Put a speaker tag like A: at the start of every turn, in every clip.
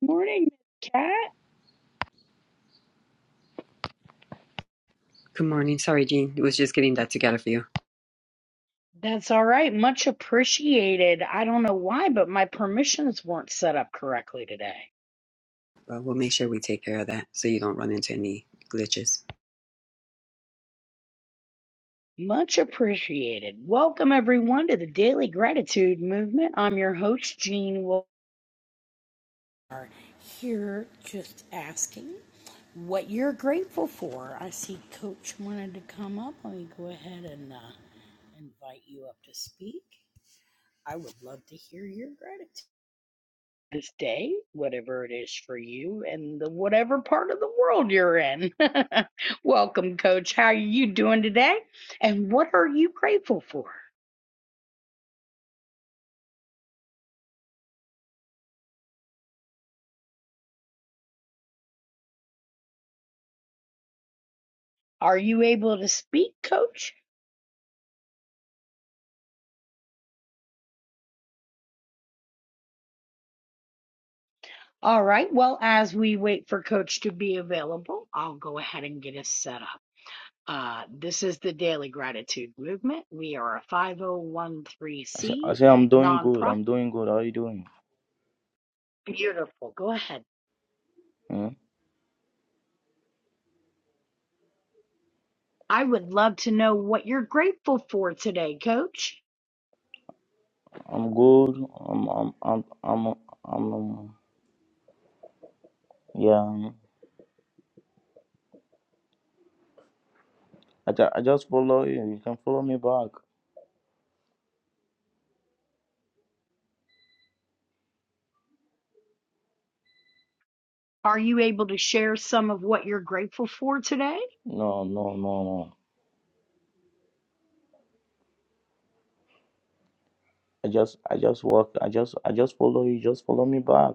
A: Morning, Miss Cat.
B: Good morning. Sorry, Jean. It was just getting that together for you.
A: That's all right. Much appreciated. I don't know why, but my permissions weren't set up correctly today.
B: But we'll make sure we take care of that so you don't run into any glitches.
A: Much appreciated. Welcome, everyone, to the Daily Gratitude Movement. I'm your host, Jean Wolfe. Here, just asking what you're grateful for. I see Coach wanted to come up. Let me go ahead and uh, invite you up to speak. I would love to hear your gratitude. This day, whatever it is for you, and the whatever part of the world you're in. Welcome, Coach. How are you doing today? And what are you grateful for? Are you able to speak, Coach? All right. Well, as we wait for Coach to be available, I'll go ahead and get us set up. Uh, this is the Daily Gratitude Movement. We are a
C: I say, I
A: 5013C
C: say I'm doing good.
A: nonprofit.
C: I'm doing good. How are you doing?
A: Beautiful. Go ahead.
C: Hmm?
A: I would love to know what you're grateful for today, Coach.
C: I'm good. I'm I'm I'm I'm I'm um, yeah. um, I, ju- I just follow you. You can follow me back.
A: Are you able to share some of what you're grateful for today?
C: No no no no. I just I just walk. I just I just follow you. Just follow me back.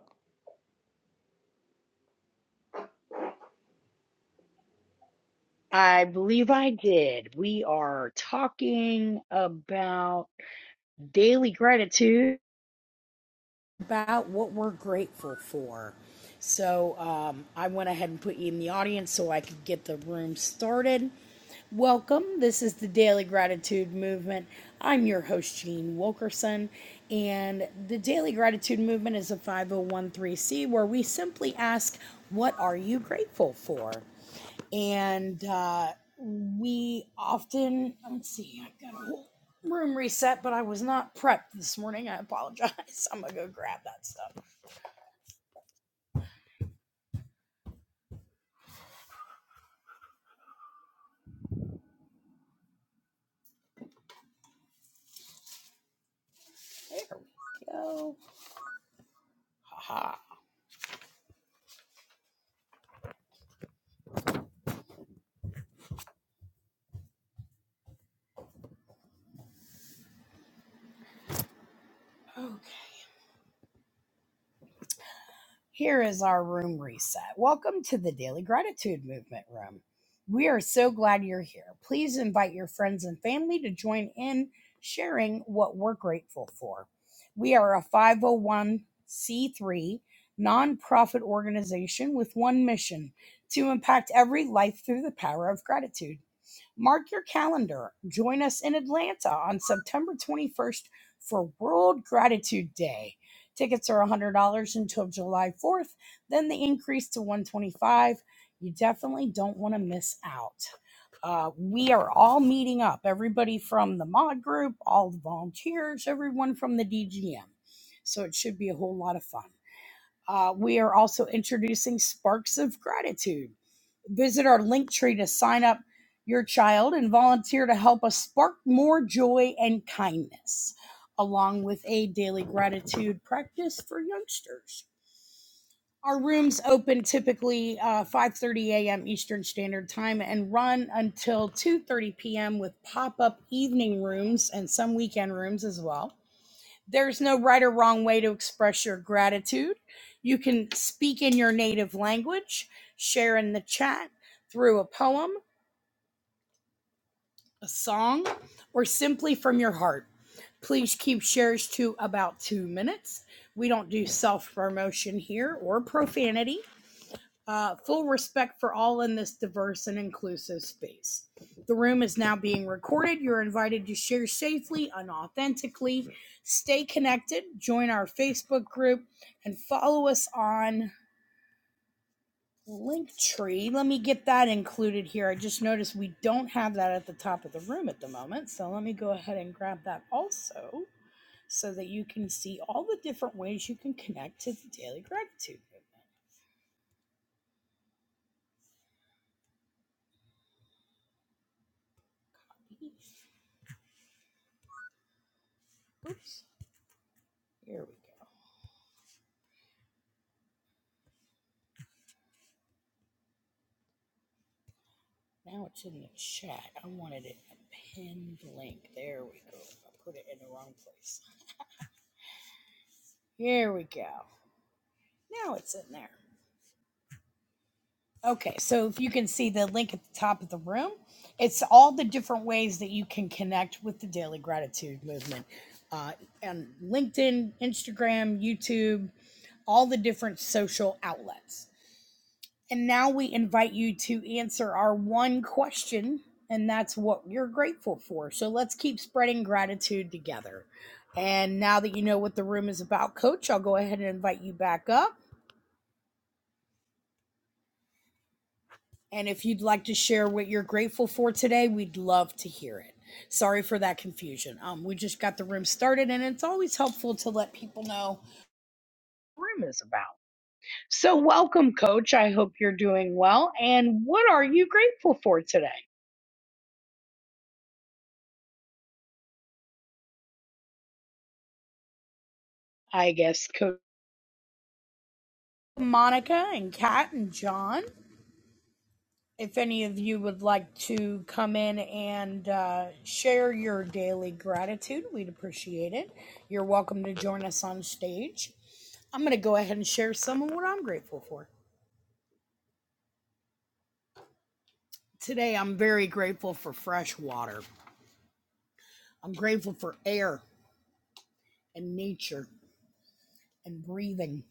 A: I believe I did. We are talking about daily gratitude. about what we're grateful for. So um, I went ahead and put you in the audience so I could get the room started. Welcome. This is the Daily Gratitude Movement. I'm your host, Jean Wilkerson, and the Daily Gratitude Movement is a 5013C where we simply ask, What are you grateful for? and uh, we often let's see i've got a whole room reset but i was not prepped this morning i apologize i'm gonna go grab that stuff there we go haha Okay. Here is our room reset. Welcome to the Daily Gratitude Movement Room. We are so glad you're here. Please invite your friends and family to join in sharing what we're grateful for. We are a 501c3 nonprofit organization with one mission to impact every life through the power of gratitude. Mark your calendar. Join us in Atlanta on September 21st for World Gratitude Day. Tickets are $100 until July 4th, then they increase to 125. You definitely don't want to miss out. Uh, we are all meeting up, everybody from the mod group, all the volunteers, everyone from the DGM. So it should be a whole lot of fun. Uh, we are also introducing Sparks of Gratitude. Visit our link tree to sign up your child and volunteer to help us spark more joy and kindness, along with a daily gratitude practice for youngsters. Our rooms open typically uh, 5:30 a.m. Eastern Standard Time and run until 2:30 p.m. with pop-up evening rooms and some weekend rooms as well. There's no right or wrong way to express your gratitude. You can speak in your native language, share in the chat through a poem, a song, or simply from your heart. Please keep shares to about two minutes. We don't do self promotion here or profanity uh, full respect for all in this diverse and inclusive space. The room is now being recorded. You're invited to share safely and authentically. Stay connected, join our Facebook group, and follow us on Linktree. Let me get that included here. I just noticed we don't have that at the top of the room at the moment. So let me go ahead and grab that also so that you can see all the different ways you can connect to the daily gratitude movement. Oops. Here we go. Now it's in the chat. I wanted it a pinned link. There we go. I put it in the wrong place. Here we go. Now it's in there. Okay, so if you can see the link at the top of the room, it's all the different ways that you can connect with the Daily Gratitude Movement uh, on LinkedIn, Instagram, YouTube, all the different social outlets. And now we invite you to answer our one question, and that's what you're grateful for. So let's keep spreading gratitude together. And now that you know what the room is about, Coach, I'll go ahead and invite you back up. And if you'd like to share what you're grateful for today, we'd love to hear it. Sorry for that confusion. Um, we just got the room started, and it's always helpful to let people know what the room is about. So, welcome, Coach. I hope you're doing well. And what are you grateful for today? I guess, Coach. Monica and Kat and John. If any of you would like to come in and uh, share your daily gratitude, we'd appreciate it. You're welcome to join us on stage. I'm going to go ahead and share some of what I'm grateful for. Today, I'm very grateful for fresh water. I'm grateful for air and nature and breathing.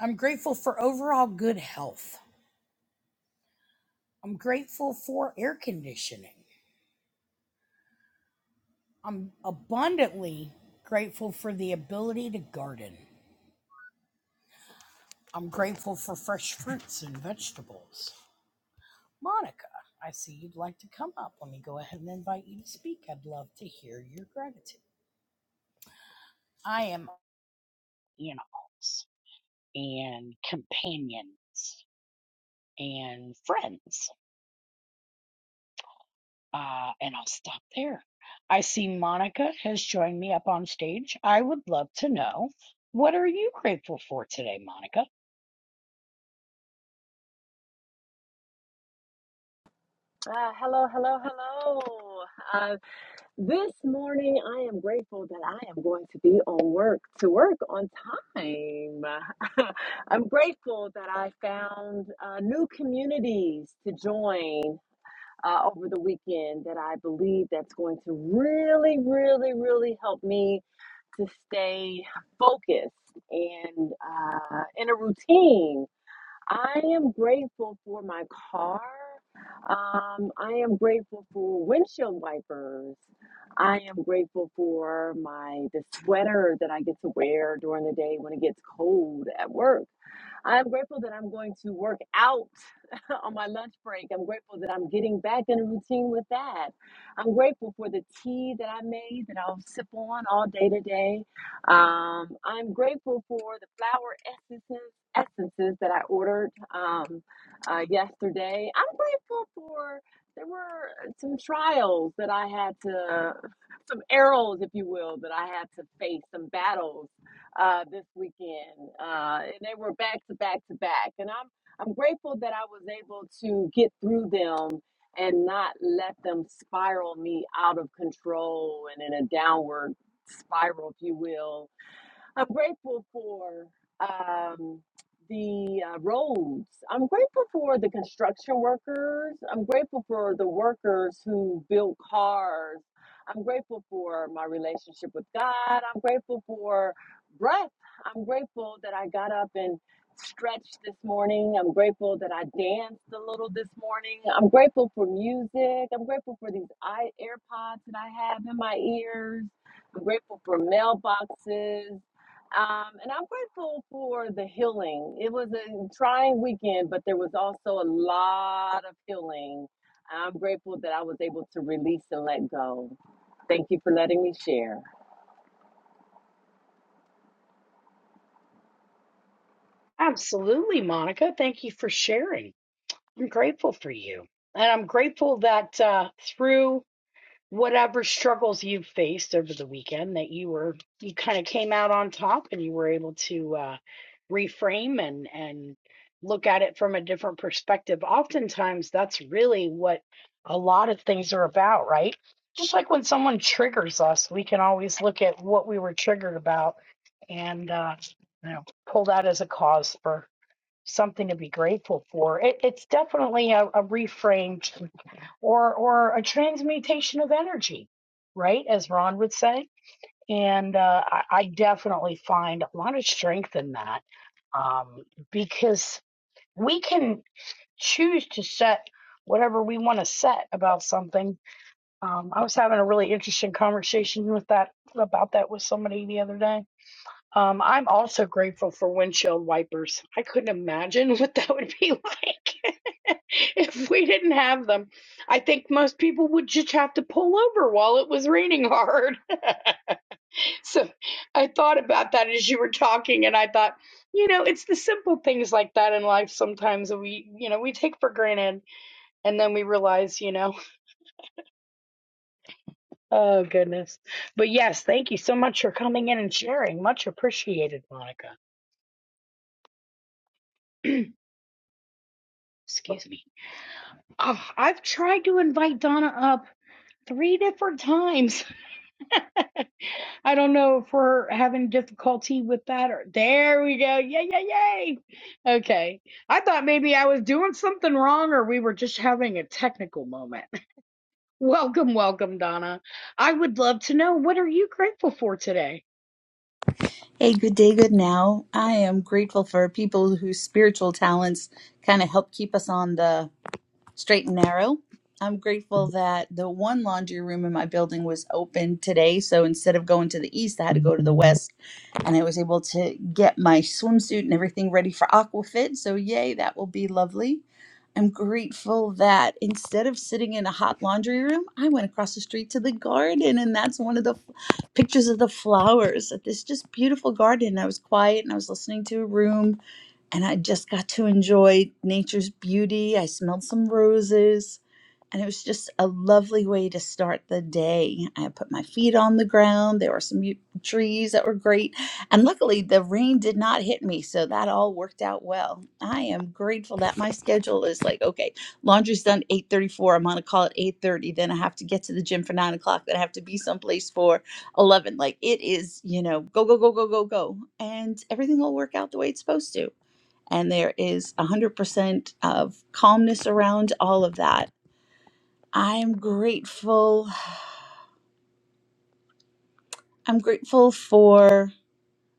A: I'm grateful for overall good health. I'm grateful for air conditioning. I'm abundantly grateful for the ability to garden. I'm grateful for fresh fruits and vegetables. Monica, I see you'd like to come up. Let me go ahead and invite you to speak. I'd love to hear your gratitude. I am in and companions and friends. Uh, and I'll stop there. I see Monica has joined me up on stage. I would love to know what are you grateful for today, Monica?
D: Ah, hello, hello, hello. Uh, this morning, I am grateful that I am going to be on work to work on time. I'm grateful that I found uh, new communities to join uh, over the weekend that I believe that's going to really, really, really help me to stay focused and uh, in a routine I am grateful for my car. Um, I am grateful for windshield wipers. I am grateful for my the sweater that I get to wear during the day when it gets cold at work. I'm grateful that I'm going to work out on my lunch break. I'm grateful that I'm getting back in a routine with that. I'm grateful for the tea that I made that I'll sip on all day today. Um, I'm grateful for the flower essences essences that I ordered um, uh, yesterday. I'm grateful for there were some trials that I had to, some arrows, if you will, that I had to face, some battles uh, this weekend, uh, and they were back to back to back. And I'm I'm grateful that I was able to get through them and not let them spiral me out of control and in a downward spiral, if you will I'm grateful for um, the uh, roads. I'm grateful for the construction workers. I'm grateful for the workers who build cars. I'm grateful for my relationship with God. I'm grateful for breath. I'm grateful that I got up and stretched this morning. I'm grateful that I danced a little this morning. I'm grateful for music. I'm grateful for these i AirPods that I have in my ears. I'm grateful for mailboxes. Um, and I'm grateful for the healing. It was a trying weekend, but there was also a lot of healing. I'm grateful that I was able to release and let go. Thank you for letting me share.
A: Absolutely, Monica. Thank you for sharing. I'm grateful for you. And I'm grateful that uh, through whatever struggles you faced over the weekend that you were you kind of came out on top and you were able to uh, reframe and and look at it from a different perspective oftentimes that's really what a lot of things are about right just like when someone triggers us we can always look at what we were triggered about and uh, you know pull that as a cause for something to be grateful for it, it's definitely a, a reframe or or a transmutation of energy, right? As Ron would say. And uh, I, I definitely find a lot of strength in that um, because we can choose to set whatever we want to set about something. Um, I was having a really interesting conversation with that about that with somebody the other day um, I'm also grateful for windshield wipers. I couldn't imagine what that would be like if we didn't have them. I think most people would just have to pull over while it was raining hard. so I thought about that as you were talking, and I thought, you know, it's the simple things like that in life sometimes that we, you know, we take for granted and then we realize, you know, oh goodness. But yes, thank you so much for coming in and sharing. Much appreciated, Monica. Excuse me. Oh, I've tried to invite Donna up three different times. I don't know if we're having difficulty with that or there we go. Yay, yay, yay. Okay. I thought maybe I was doing something wrong or we were just having a technical moment. Welcome, welcome, Donna. I would love to know what are you grateful for today?
E: Hey, good day, good now. I am grateful for people whose spiritual talents kind of help keep us on the straight and narrow. I'm grateful that the one laundry room in my building was open today. So instead of going to the east, I had to go to the west. And I was able to get my swimsuit and everything ready for Aquafit. So, yay, that will be lovely. I'm grateful that instead of sitting in a hot laundry room, I went across the street to the garden. And that's one of the f- pictures of the flowers at this just beautiful garden. I was quiet and I was listening to a room and I just got to enjoy nature's beauty. I smelled some roses, and it was just a lovely way to start the day. I put my feet on the ground. There were some u- trees that were great, and luckily the rain did not hit me, so that all worked out well. I am grateful that my schedule is like okay, laundry's done eight thirty four. I'm on a call at eight thirty. Then I have to get to the gym for nine o'clock. Then I have to be someplace for eleven. Like it is, you know, go go go go go go, and everything will work out the way it's supposed to and there is 100% of calmness around all of that. I'm grateful. I'm grateful for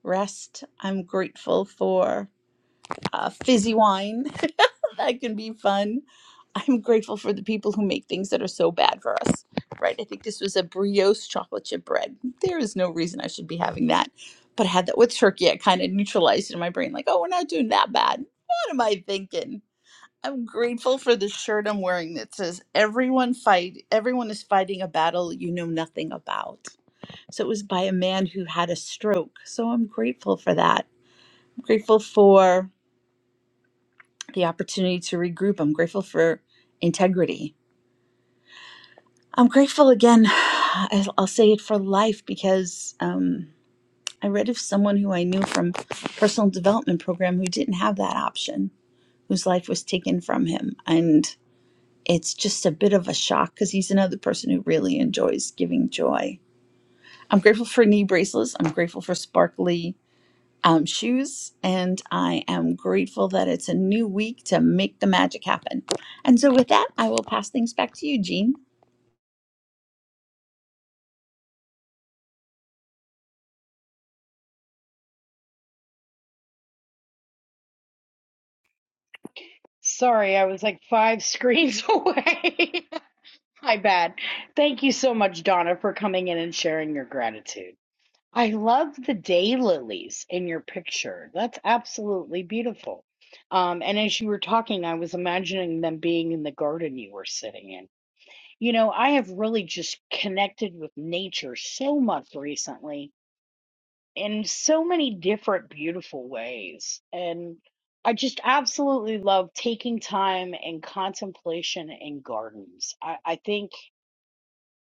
E: rest. I'm grateful for uh, fizzy wine. that can be fun. I'm grateful for the people who make things that are so bad for us, right? I think this was a brioche chocolate chip bread. There is no reason I should be having that. But I had that with turkey. I kind of neutralized it in my brain, like, oh, we're not doing that bad. What am I thinking? I'm grateful for the shirt I'm wearing that says everyone fight everyone is fighting a battle you know nothing about. So it was by a man who had a stroke. So I'm grateful for that. I'm grateful for the opportunity to regroup. I'm grateful for integrity. I'm grateful again. I'll I'll say it for life because um, I read of someone who I knew from personal development program who didn't have that option, whose life was taken from him, and it's just a bit of a shock because he's another person who really enjoys giving joy. I'm grateful for knee bracelets. I'm grateful for sparkly um, shoes. And I am grateful that it's a new week to make the magic happen. And so, with that, I will pass things back to you, Jean.
A: Sorry, I was like five screens away. My bad. Thank you so much, Donna, for coming in and sharing your gratitude. I love the daylilies in your picture. That's absolutely beautiful. Um, and as you were talking, I was imagining them being in the garden you were sitting in. You know, I have really just connected with nature so much recently in so many different beautiful ways. And I just absolutely love taking time and contemplation in gardens. I, I think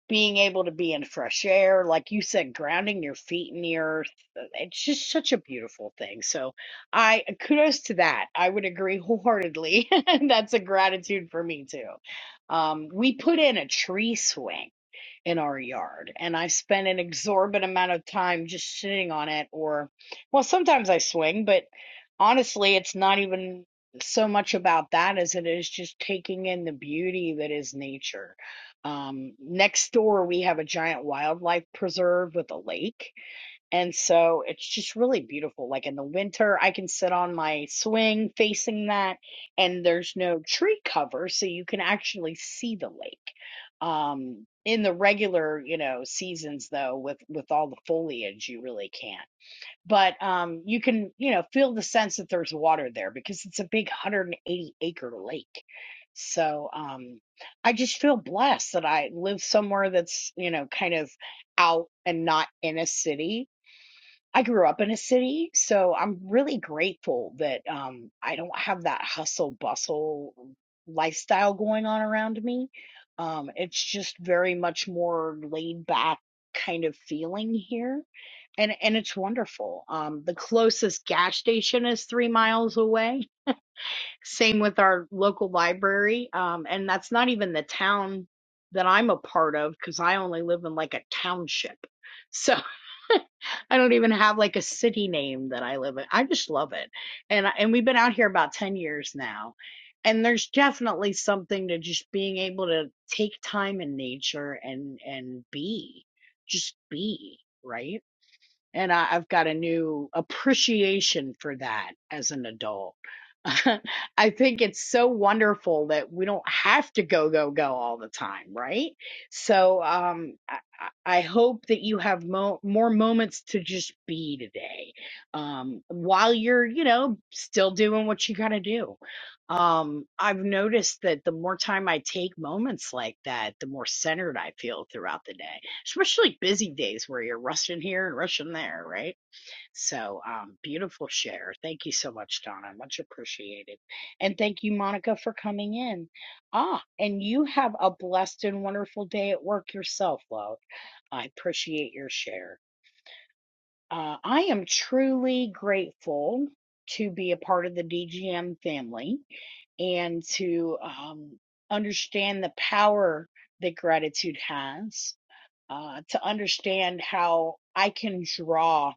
A: being able to be in fresh air, like you said, grounding your feet in the earth. uh, It's just such a beautiful thing. So I uh, kudos to that. I would agree wholeheartedly. That's a gratitude for me too. Um, we put in a tree swing in our yard. And I spend an exorbitant amount of time just sitting on it, or, well, sometimes I swing, but honestly, it's not even so much about that as it is just taking in the beauty that is nature. Um, next door, we have a giant wildlife preserve with a lake and so it's just really beautiful. Like in the winter, I can sit on my swing facing that, and there's no tree cover, so you can actually see the lake. Um, in the regular, you know, seasons though, with with all the foliage, you really can't. But um, you can, you know, feel the sense that there's water there because it's a big 180 acre lake. So um, I just feel blessed that I live somewhere that's, you know, kind of out and not in a city I grew up in a city, so I'm really grateful that um, I don't have that hustle bustle lifestyle going on around me. Um, it's just very much more laid back kind of feeling here, and and it's wonderful. Um, the closest gas station is three miles away. Same with our local library, um, and that's not even the town that I'm a part of because I only live in like a township. So. I don't even have like a city name that I live in. I just love it. And and we've been out here about 10 years now. And there's definitely something to just being able to take time in nature and and be, just be, right? and I, I've got a new appreciation for that as an adult. I think it's so wonderful that we don't have to go, go, go all the time, right? So um, I, I I hope that you have mo- more moments to just be today um, while you're, you know, still doing what you got to do. Um, I've noticed that the more time I take moments like that, the more centered I feel throughout the day especially busy days where you're rushing here and rushing there, right? So, um, beautiful share. Thank you so much, Donna. Much appreciated. And thank you, Monica, for coming in. Ah, and you have a blessed and wonderful day at work yourself, love. I appreciate your share. Uh, I am truly grateful to be a part of the DGM family and to um, understand the power that gratitude has uh, to understand how I can draw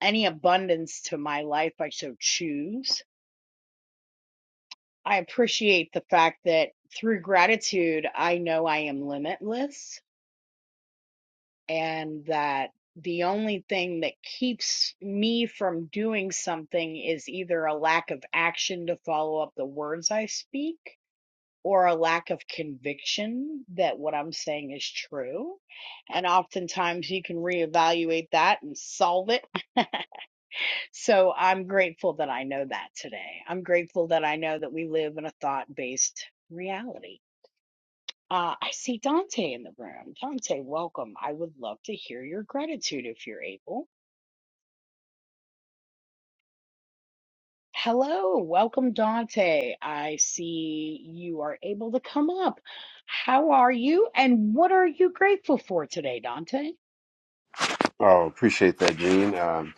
A: any abundance to my life I so choose. I appreciate the fact that through gratitude, I know I am limitless and that the only thing that keeps me from doing something is either a lack of action to follow up the words I speak or a lack of conviction that what I'm saying is true. And oftentimes you can reevaluate that and solve it. so I'm grateful that I know that today. I'm grateful that I know that we live in a thought based reality. Uh, I see Dante in the room. Dante, welcome. I would love to hear your gratitude if you're able. Hello, welcome, Dante. I see you are able to come up. How are you, and what are you grateful for today, Dante?
F: Oh, appreciate that, Gene. Um,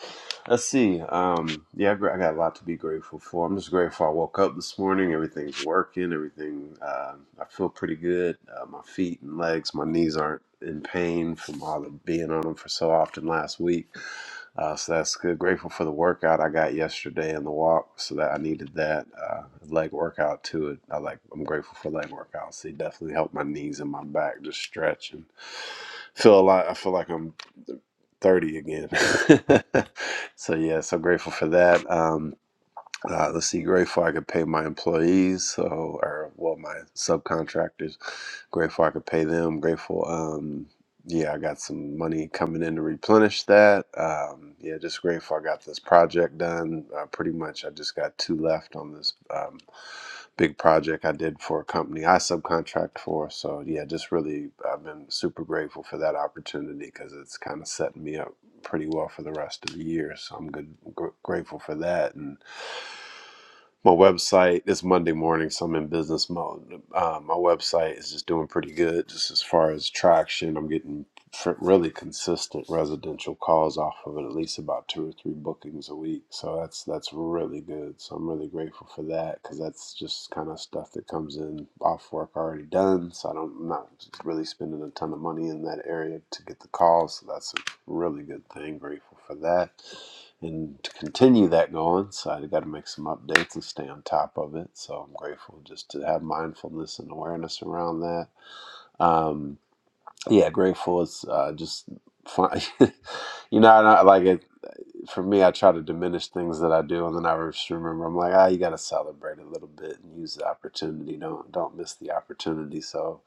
F: let's see. Um, yeah, I got I got a lot to be grateful for. I'm just grateful I woke up this morning. Everything's working. Everything. Um, I feel pretty good. Uh, my feet and legs, my knees aren't in pain from all the being on them for so often last week. Uh, so that's good. Grateful for the workout I got yesterday and the walk. So that I needed that uh, leg workout to it. I like. I'm grateful for leg workouts. They definitely helped my knees and my back just stretch and feel a lot. I feel like I'm. 30 again. so yeah, so grateful for that. Um, uh, let's see, grateful I could pay my employees, so or well, my subcontractors. Grateful I could pay them. Grateful, um, yeah, I got some money coming in to replenish that. Um, yeah, just grateful I got this project done. Uh, pretty much, I just got two left on this um, big project I did for a company I subcontract for. So yeah, just really, I've been super grateful for that opportunity because it's kind of setting me up pretty well for the rest of the year. So I'm good, gr- grateful for that and my website it's monday morning so i'm in business mode uh, my website is just doing pretty good just as far as traction i'm getting fr- really consistent residential calls off of it at least about two or three bookings a week so that's that's really good so i'm really grateful for that because that's just kind of stuff that comes in off work already done so i don't I'm not really spending a ton of money in that area to get the calls so that's a really good thing grateful for that and to continue that going, so I got to make some updates and stay on top of it. So I'm grateful just to have mindfulness and awareness around that. Um, yeah, grateful is uh, just fun. you know, I like it for me, I try to diminish things that I do, and then I just remember I'm like, ah, you got to celebrate a little bit and use the opportunity. Don't don't miss the opportunity. So,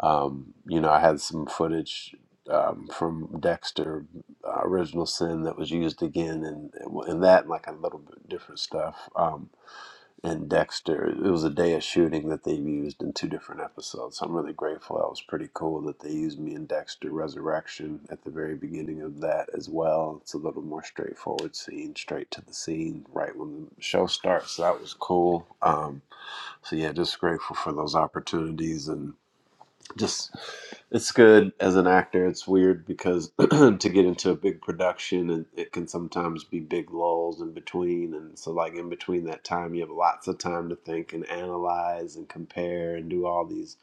F: um, you know, I had some footage um, from Dexter uh, Original Sin that was used again, and and that and like a little bit different stuff. Um, and Dexter. It was a day of shooting that they used in two different episodes. So I'm really grateful. That was pretty cool that they used me in Dexter Resurrection at the very beginning of that as well. It's a little more straightforward scene, straight to the scene, right when the show starts. So that was cool. Um, so yeah, just grateful for those opportunities. and just it's good as an actor. It's weird because to get into a big production and it can sometimes be big lulls in between and so like in between that time you have lots of time to think and analyze and compare and do all these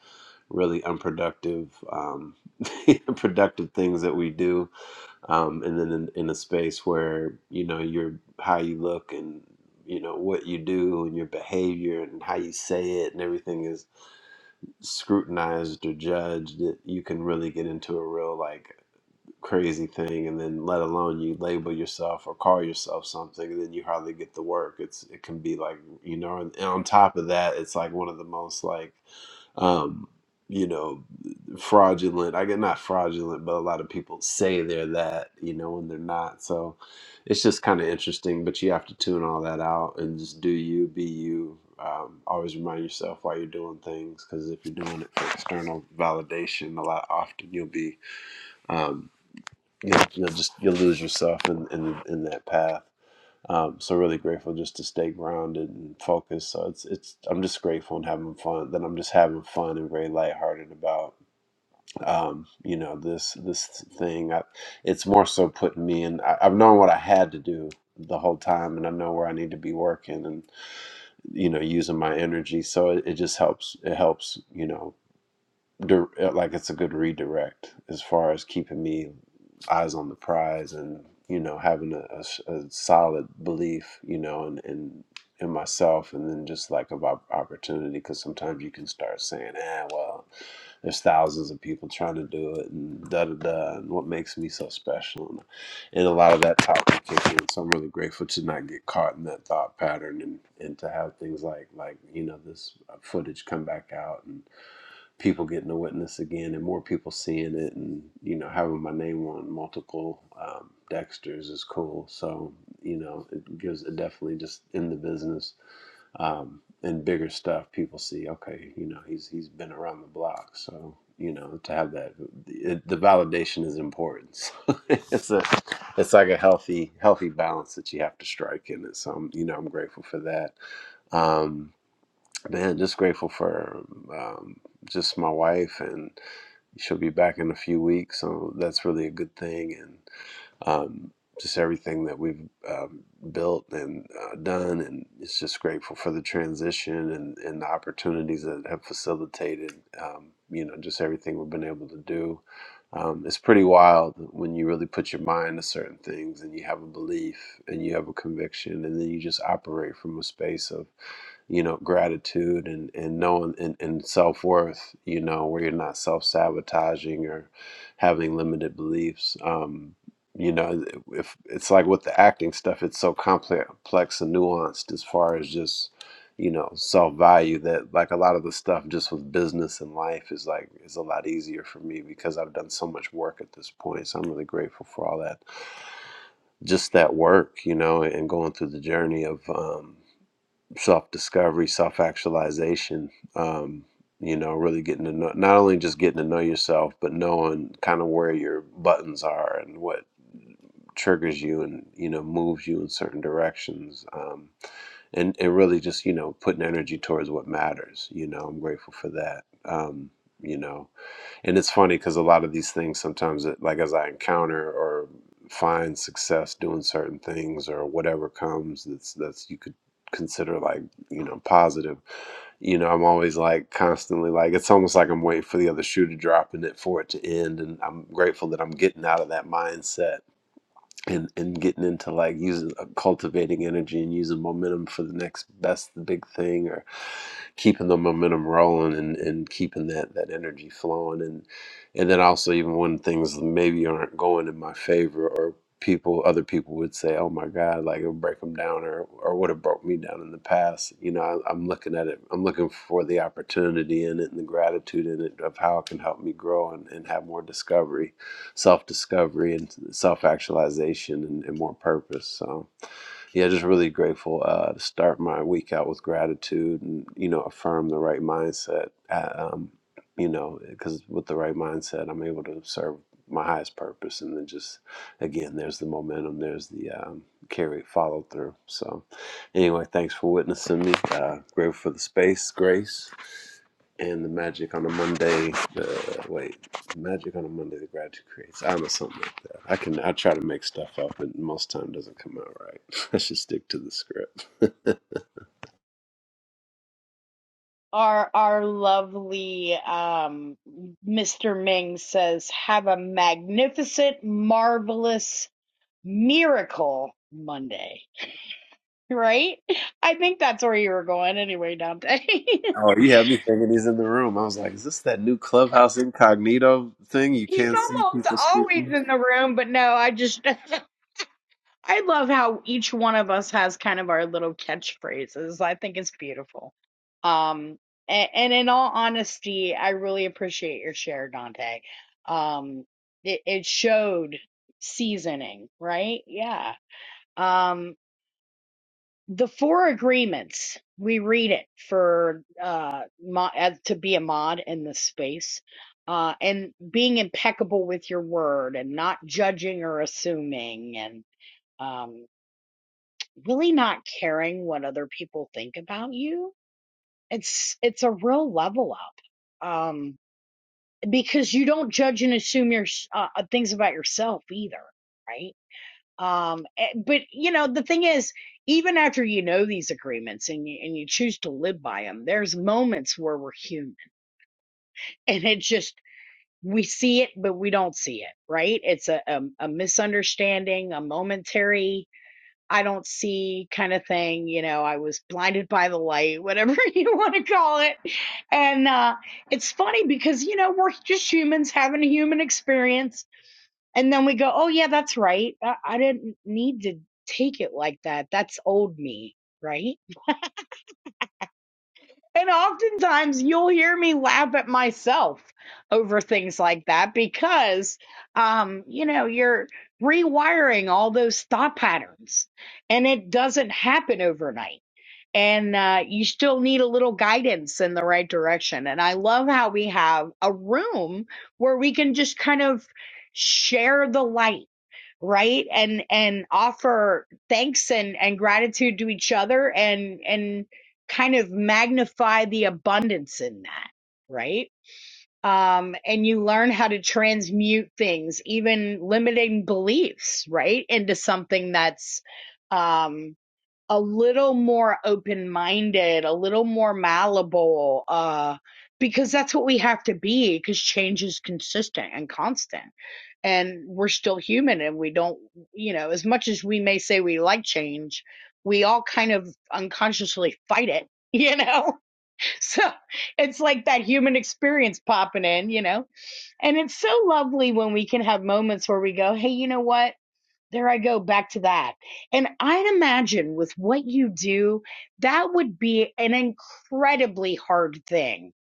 F: really unproductive um productive things that we do. Um and then in, in a space where, you know, your how you look and you know what you do and your behavior and how you say it and everything is scrutinized or judged, you can really get into a real like crazy thing and then let alone you label yourself or call yourself something and then you hardly get the work it's it can be like you know and, and on top of that it's like one of the most like um you know fraudulent i get not fraudulent but a lot of people say they're that you know when they're not so it's just kind of interesting but you have to tune all that out and just do you be you um, always remind yourself why you're doing things because if you're doing it for external validation a lot often you'll be um, you'll, you'll just you'll lose yourself in in, in that path. Um, so really grateful just to stay grounded and focused. So it's it's I'm just grateful and having fun. That I'm just having fun and very lighthearted about um, you know this this thing. I, it's more so putting me in. I, I've known what I had to do the whole time, and I know where I need to be working and you know using my energy. So it, it just helps. It helps you know dir- uh, like it's a good redirect as far as keeping me eyes on the prize and you know having a, a s- a solid belief you know and in, in, in myself and then just like about opportunity because sometimes you can start saying ah well there's thousands of people trying to do it and da da da and what makes me so special and, and a lot of that talk can kick in so i'm really grateful to not get caught in that thought pattern and and to have things like like you know this footage come back out and people getting to witness again and more people seeing it and you know having my name on multiple um, dexters is cool so you know it gives it definitely just in the business um, and bigger stuff people see okay you know he's he's been around the block so you know to have that it, the validation is important So it's a it's like a healthy healthy balance that you have to strike in it so I'm, you know i'm grateful for that um Man, just grateful for um, just my wife, and she'll be back in a few weeks, so that's really a good thing. And um, just everything that we've um, built and uh, done, and it's just grateful for the transition and, and the opportunities that have facilitated. Um, you know, just everything we've been able to do. Um, it's pretty wild when you really put your mind to certain things, and you have a belief, and you have a conviction, and then you just operate from a space of you know gratitude and and knowing and, and self-worth you know where you're not self-sabotaging or having limited beliefs um you know if it's like with the acting stuff it's so complex and nuanced as far as just you know self-value that like a lot of the stuff just with business and life is like is a lot easier for me because i've done so much work at this point so i'm really grateful for all that just that work you know and going through the journey of um, self discovery, self actualization. Um, you know, really getting to know, not only just getting to know yourself, but knowing kind of where your buttons are and what triggers you and, you know, moves you in certain directions. Um, and, and really just, you know, putting energy towards what matters. You know, I'm grateful for that. Um, you know, and it's funny because a lot of these things sometimes, it, like as I encounter or find success doing certain things or whatever comes that's that's you could consider like you know positive you know i'm always like constantly like it's almost like i'm waiting for the other shoe to drop and it for it to end and i'm grateful that i'm getting out of that mindset and and getting into like using uh, cultivating energy and using momentum for the next best big thing or keeping the momentum rolling and, and keeping that, that energy flowing. And, and then also even when things maybe aren't going in my favor or people, other people would say, oh my God, like it'll break them down or, or would have broke me down in the past. You know, I, I'm looking at it, I'm looking for the opportunity in it and the gratitude in it of how it can help me grow and, and have more discovery, self discovery and self actualization and, and more purpose. So yeah, just really grateful uh, to start my week out with gratitude and, you know, affirm the right mindset. Uh, Um, you know, because with the right mindset, I'm able to serve my highest purpose. And then just, again, there's the momentum, there's the um, carry, follow through. So, anyway, thanks for witnessing me. Uh, grateful for the space, grace, and the magic on a Monday. The, wait, magic on a Monday, the gratitude creates. I am a something. like I can I try to make stuff up, but most time doesn't come out right. I should stick to the script.
A: Our our lovely um, Mr. Ming says, "Have a magnificent, marvelous, miracle Monday." Right? I think that's where you were going, anyway, Dante.
F: oh, you have me thinking he's in the room. I was like, is this that new clubhouse incognito thing? You
A: He's
F: can't see
A: almost
F: people
A: always
F: speaking.
A: in the room, but no, I just I love how each one of us has kind of our little catchphrases. I think it's beautiful. Um, and, and in all honesty, I really appreciate your share, Dante. Um, it, it showed seasoning, right? Yeah. Um, the four agreements, we read it for uh, mo- as, to be a mod in this space. Uh, and being impeccable with your word and not judging or assuming and um, really not caring what other people think about you it's it's a real level up um because you don't judge and assume your uh, uh, things about yourself either right um eh, but you know the thing is even after you know these agreements and you, and you choose to live by them there's moments where we're human and it just we see it but we don't see it right it's a a, a misunderstanding a momentary I don't see kind of thing. You know, I was blinded by the light, whatever you want to call it. And uh, it's funny because, you know, we're just humans having a human experience. And then we go, oh, yeah, that's right. I, I didn't need to take it like that. That's old me. Right. And oftentimes you'll hear me laugh at myself over things like that because, um, you know, you're rewiring all those thought patterns and it doesn't happen overnight and uh, you still need a little guidance in the right direction. And I love how we have a room where we can just kind of share the light, right? And and offer thanks and and gratitude to each other, and and kind of magnify the abundance in that, right? Um, and you learn how to transmute things, even limiting beliefs, right, into something that's um a little more open minded, a little more malleable, uh, because that's what we have to be because change is consistent and constant. And we're still human and we don't, you know, as much as we may say we like change, we all kind of unconsciously fight it, you know? So it's like that human experience popping in, you know? And it's so lovely when we can have moments where we go, hey, you know what? There I go back to that. And I'd imagine with what you do, that would be an incredibly hard thing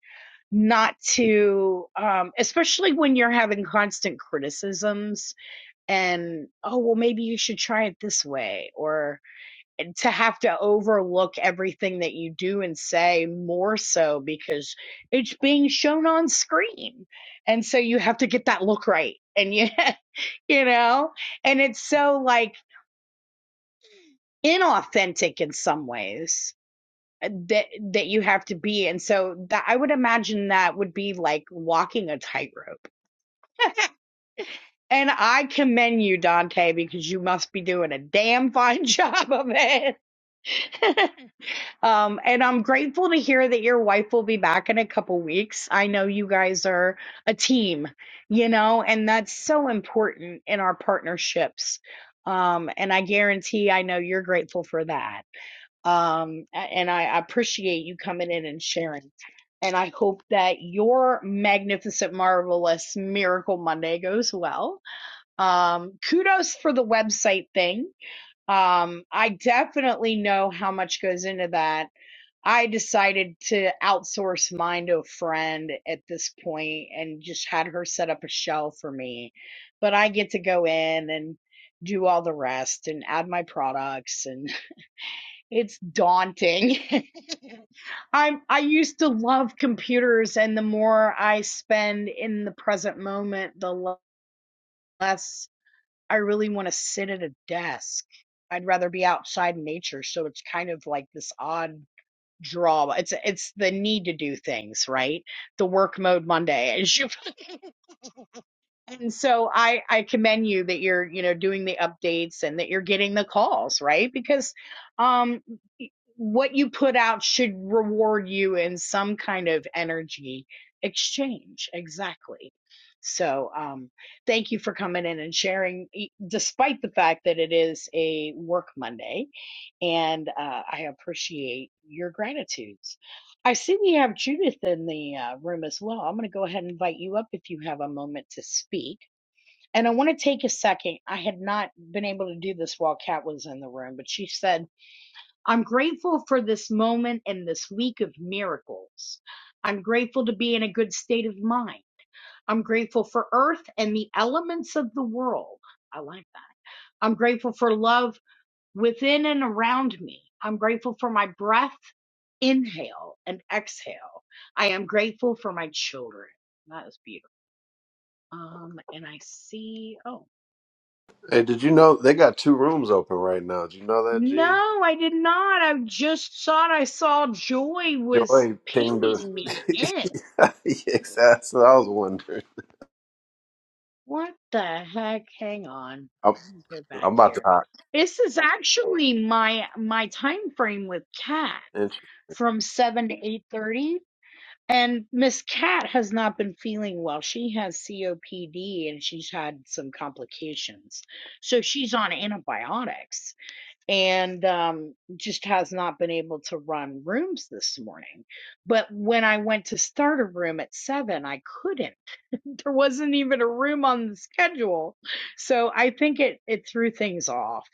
A: not to, um, especially when you're having constant criticisms and, oh, well, maybe you should try it this way, or and to have to overlook everything that you do and say more so because it's being shown on screen. And so you have to get that look right. And you, you know, and it's so like, inauthentic in some ways uh, that that you have to be and so that i would imagine that would be like walking a tightrope and i commend you dante because you must be doing a damn fine job of it um and i'm grateful to hear that your wife will be back in a couple weeks i know you guys are a team you know and that's so important in our partnerships um and i guarantee i know you're grateful for that um, a- and I appreciate you coming in and sharing. And I hope that your magnificent, marvelous miracle Monday goes well. Um, kudos for the website thing. Um, I definitely know how much goes into that. I decided to outsource mine to a friend at this point and just had her set up a shell for me. But I get to go in and do all the rest and add my products and. It's daunting. I'm I used to love computers and the more I spend in the present moment, the less I really want to sit at a desk. I'd rather be outside in nature, so it's kind of like this odd draw. It's it's the need to do things, right? The work mode Monday. as you And so I I commend you that you're, you know, doing the updates and that you're getting the calls, right? Because um what you put out should reward you in some kind of energy exchange. Exactly. So um thank you for coming in and sharing e- despite the fact that it is a work Monday and uh, I appreciate your gratitudes. I see we have Judith in the uh, room as well. I'm going to go ahead and invite you up if you have a moment to speak. And I want to take a second. I had not been able to do this while Kat was in the room, but she said, I'm grateful for this moment and this week of miracles. I'm grateful to be in a good state of mind. I'm grateful for earth and the elements of the world. I like that. I'm grateful for love within and around me. I'm grateful for my breath, inhale and exhale. I am grateful for my children. That is beautiful. Um, and I see, oh.
F: Hey, did you know they got two rooms open right now? Did you know that, Gene?
A: No, I did not. I just thought I saw Joy was
F: Joy pinged her.
A: pinging me in.
F: yes, that's what I was wondering.
A: What the heck? Hang on.
F: I'm,
A: Let me Go back
F: I'm about to
A: here.
F: hop.
A: This is actually my my time frame with Kat from 7 to 8:30 and Miss Kat has not been feeling well. She has COPD and she's had some complications. So she's on antibiotics. and um, just has not been able to run rooms this morning. But when I went to start a room at seven, I couldn't. There wasn't even a room on the schedule, so I think it it threw things off.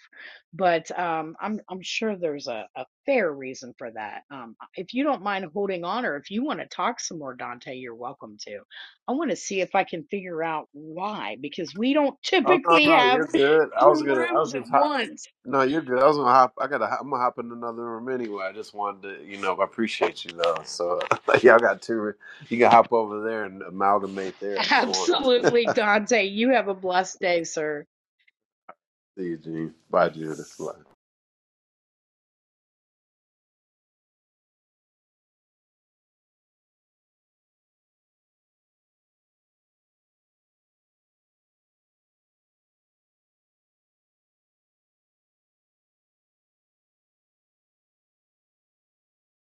A: But um, I'm I'm sure there's a, a fair reason for that. Um, if you don't mind holding on, or if you want to talk some more, Dante, you're welcome to. I want to see if I can figure out why because we don't
F: Oh no,
A: typically
F: no, you're
A: have
F: good. I was
A: two
F: gonna, I was
A: rooms at
F: gonna hop.
A: once.
F: No, you're good. I was gonna hop. I gotta. hop- I'm gonna hop in another room anyway. I just wanted to, you know, I appreciate you though. So y'all got two. You can hop over there and amalgamate there if you want.
A: Absolutely, Dante. You have a blessed day, sir.
F: See you, Gene. Bye, Judith. Bye.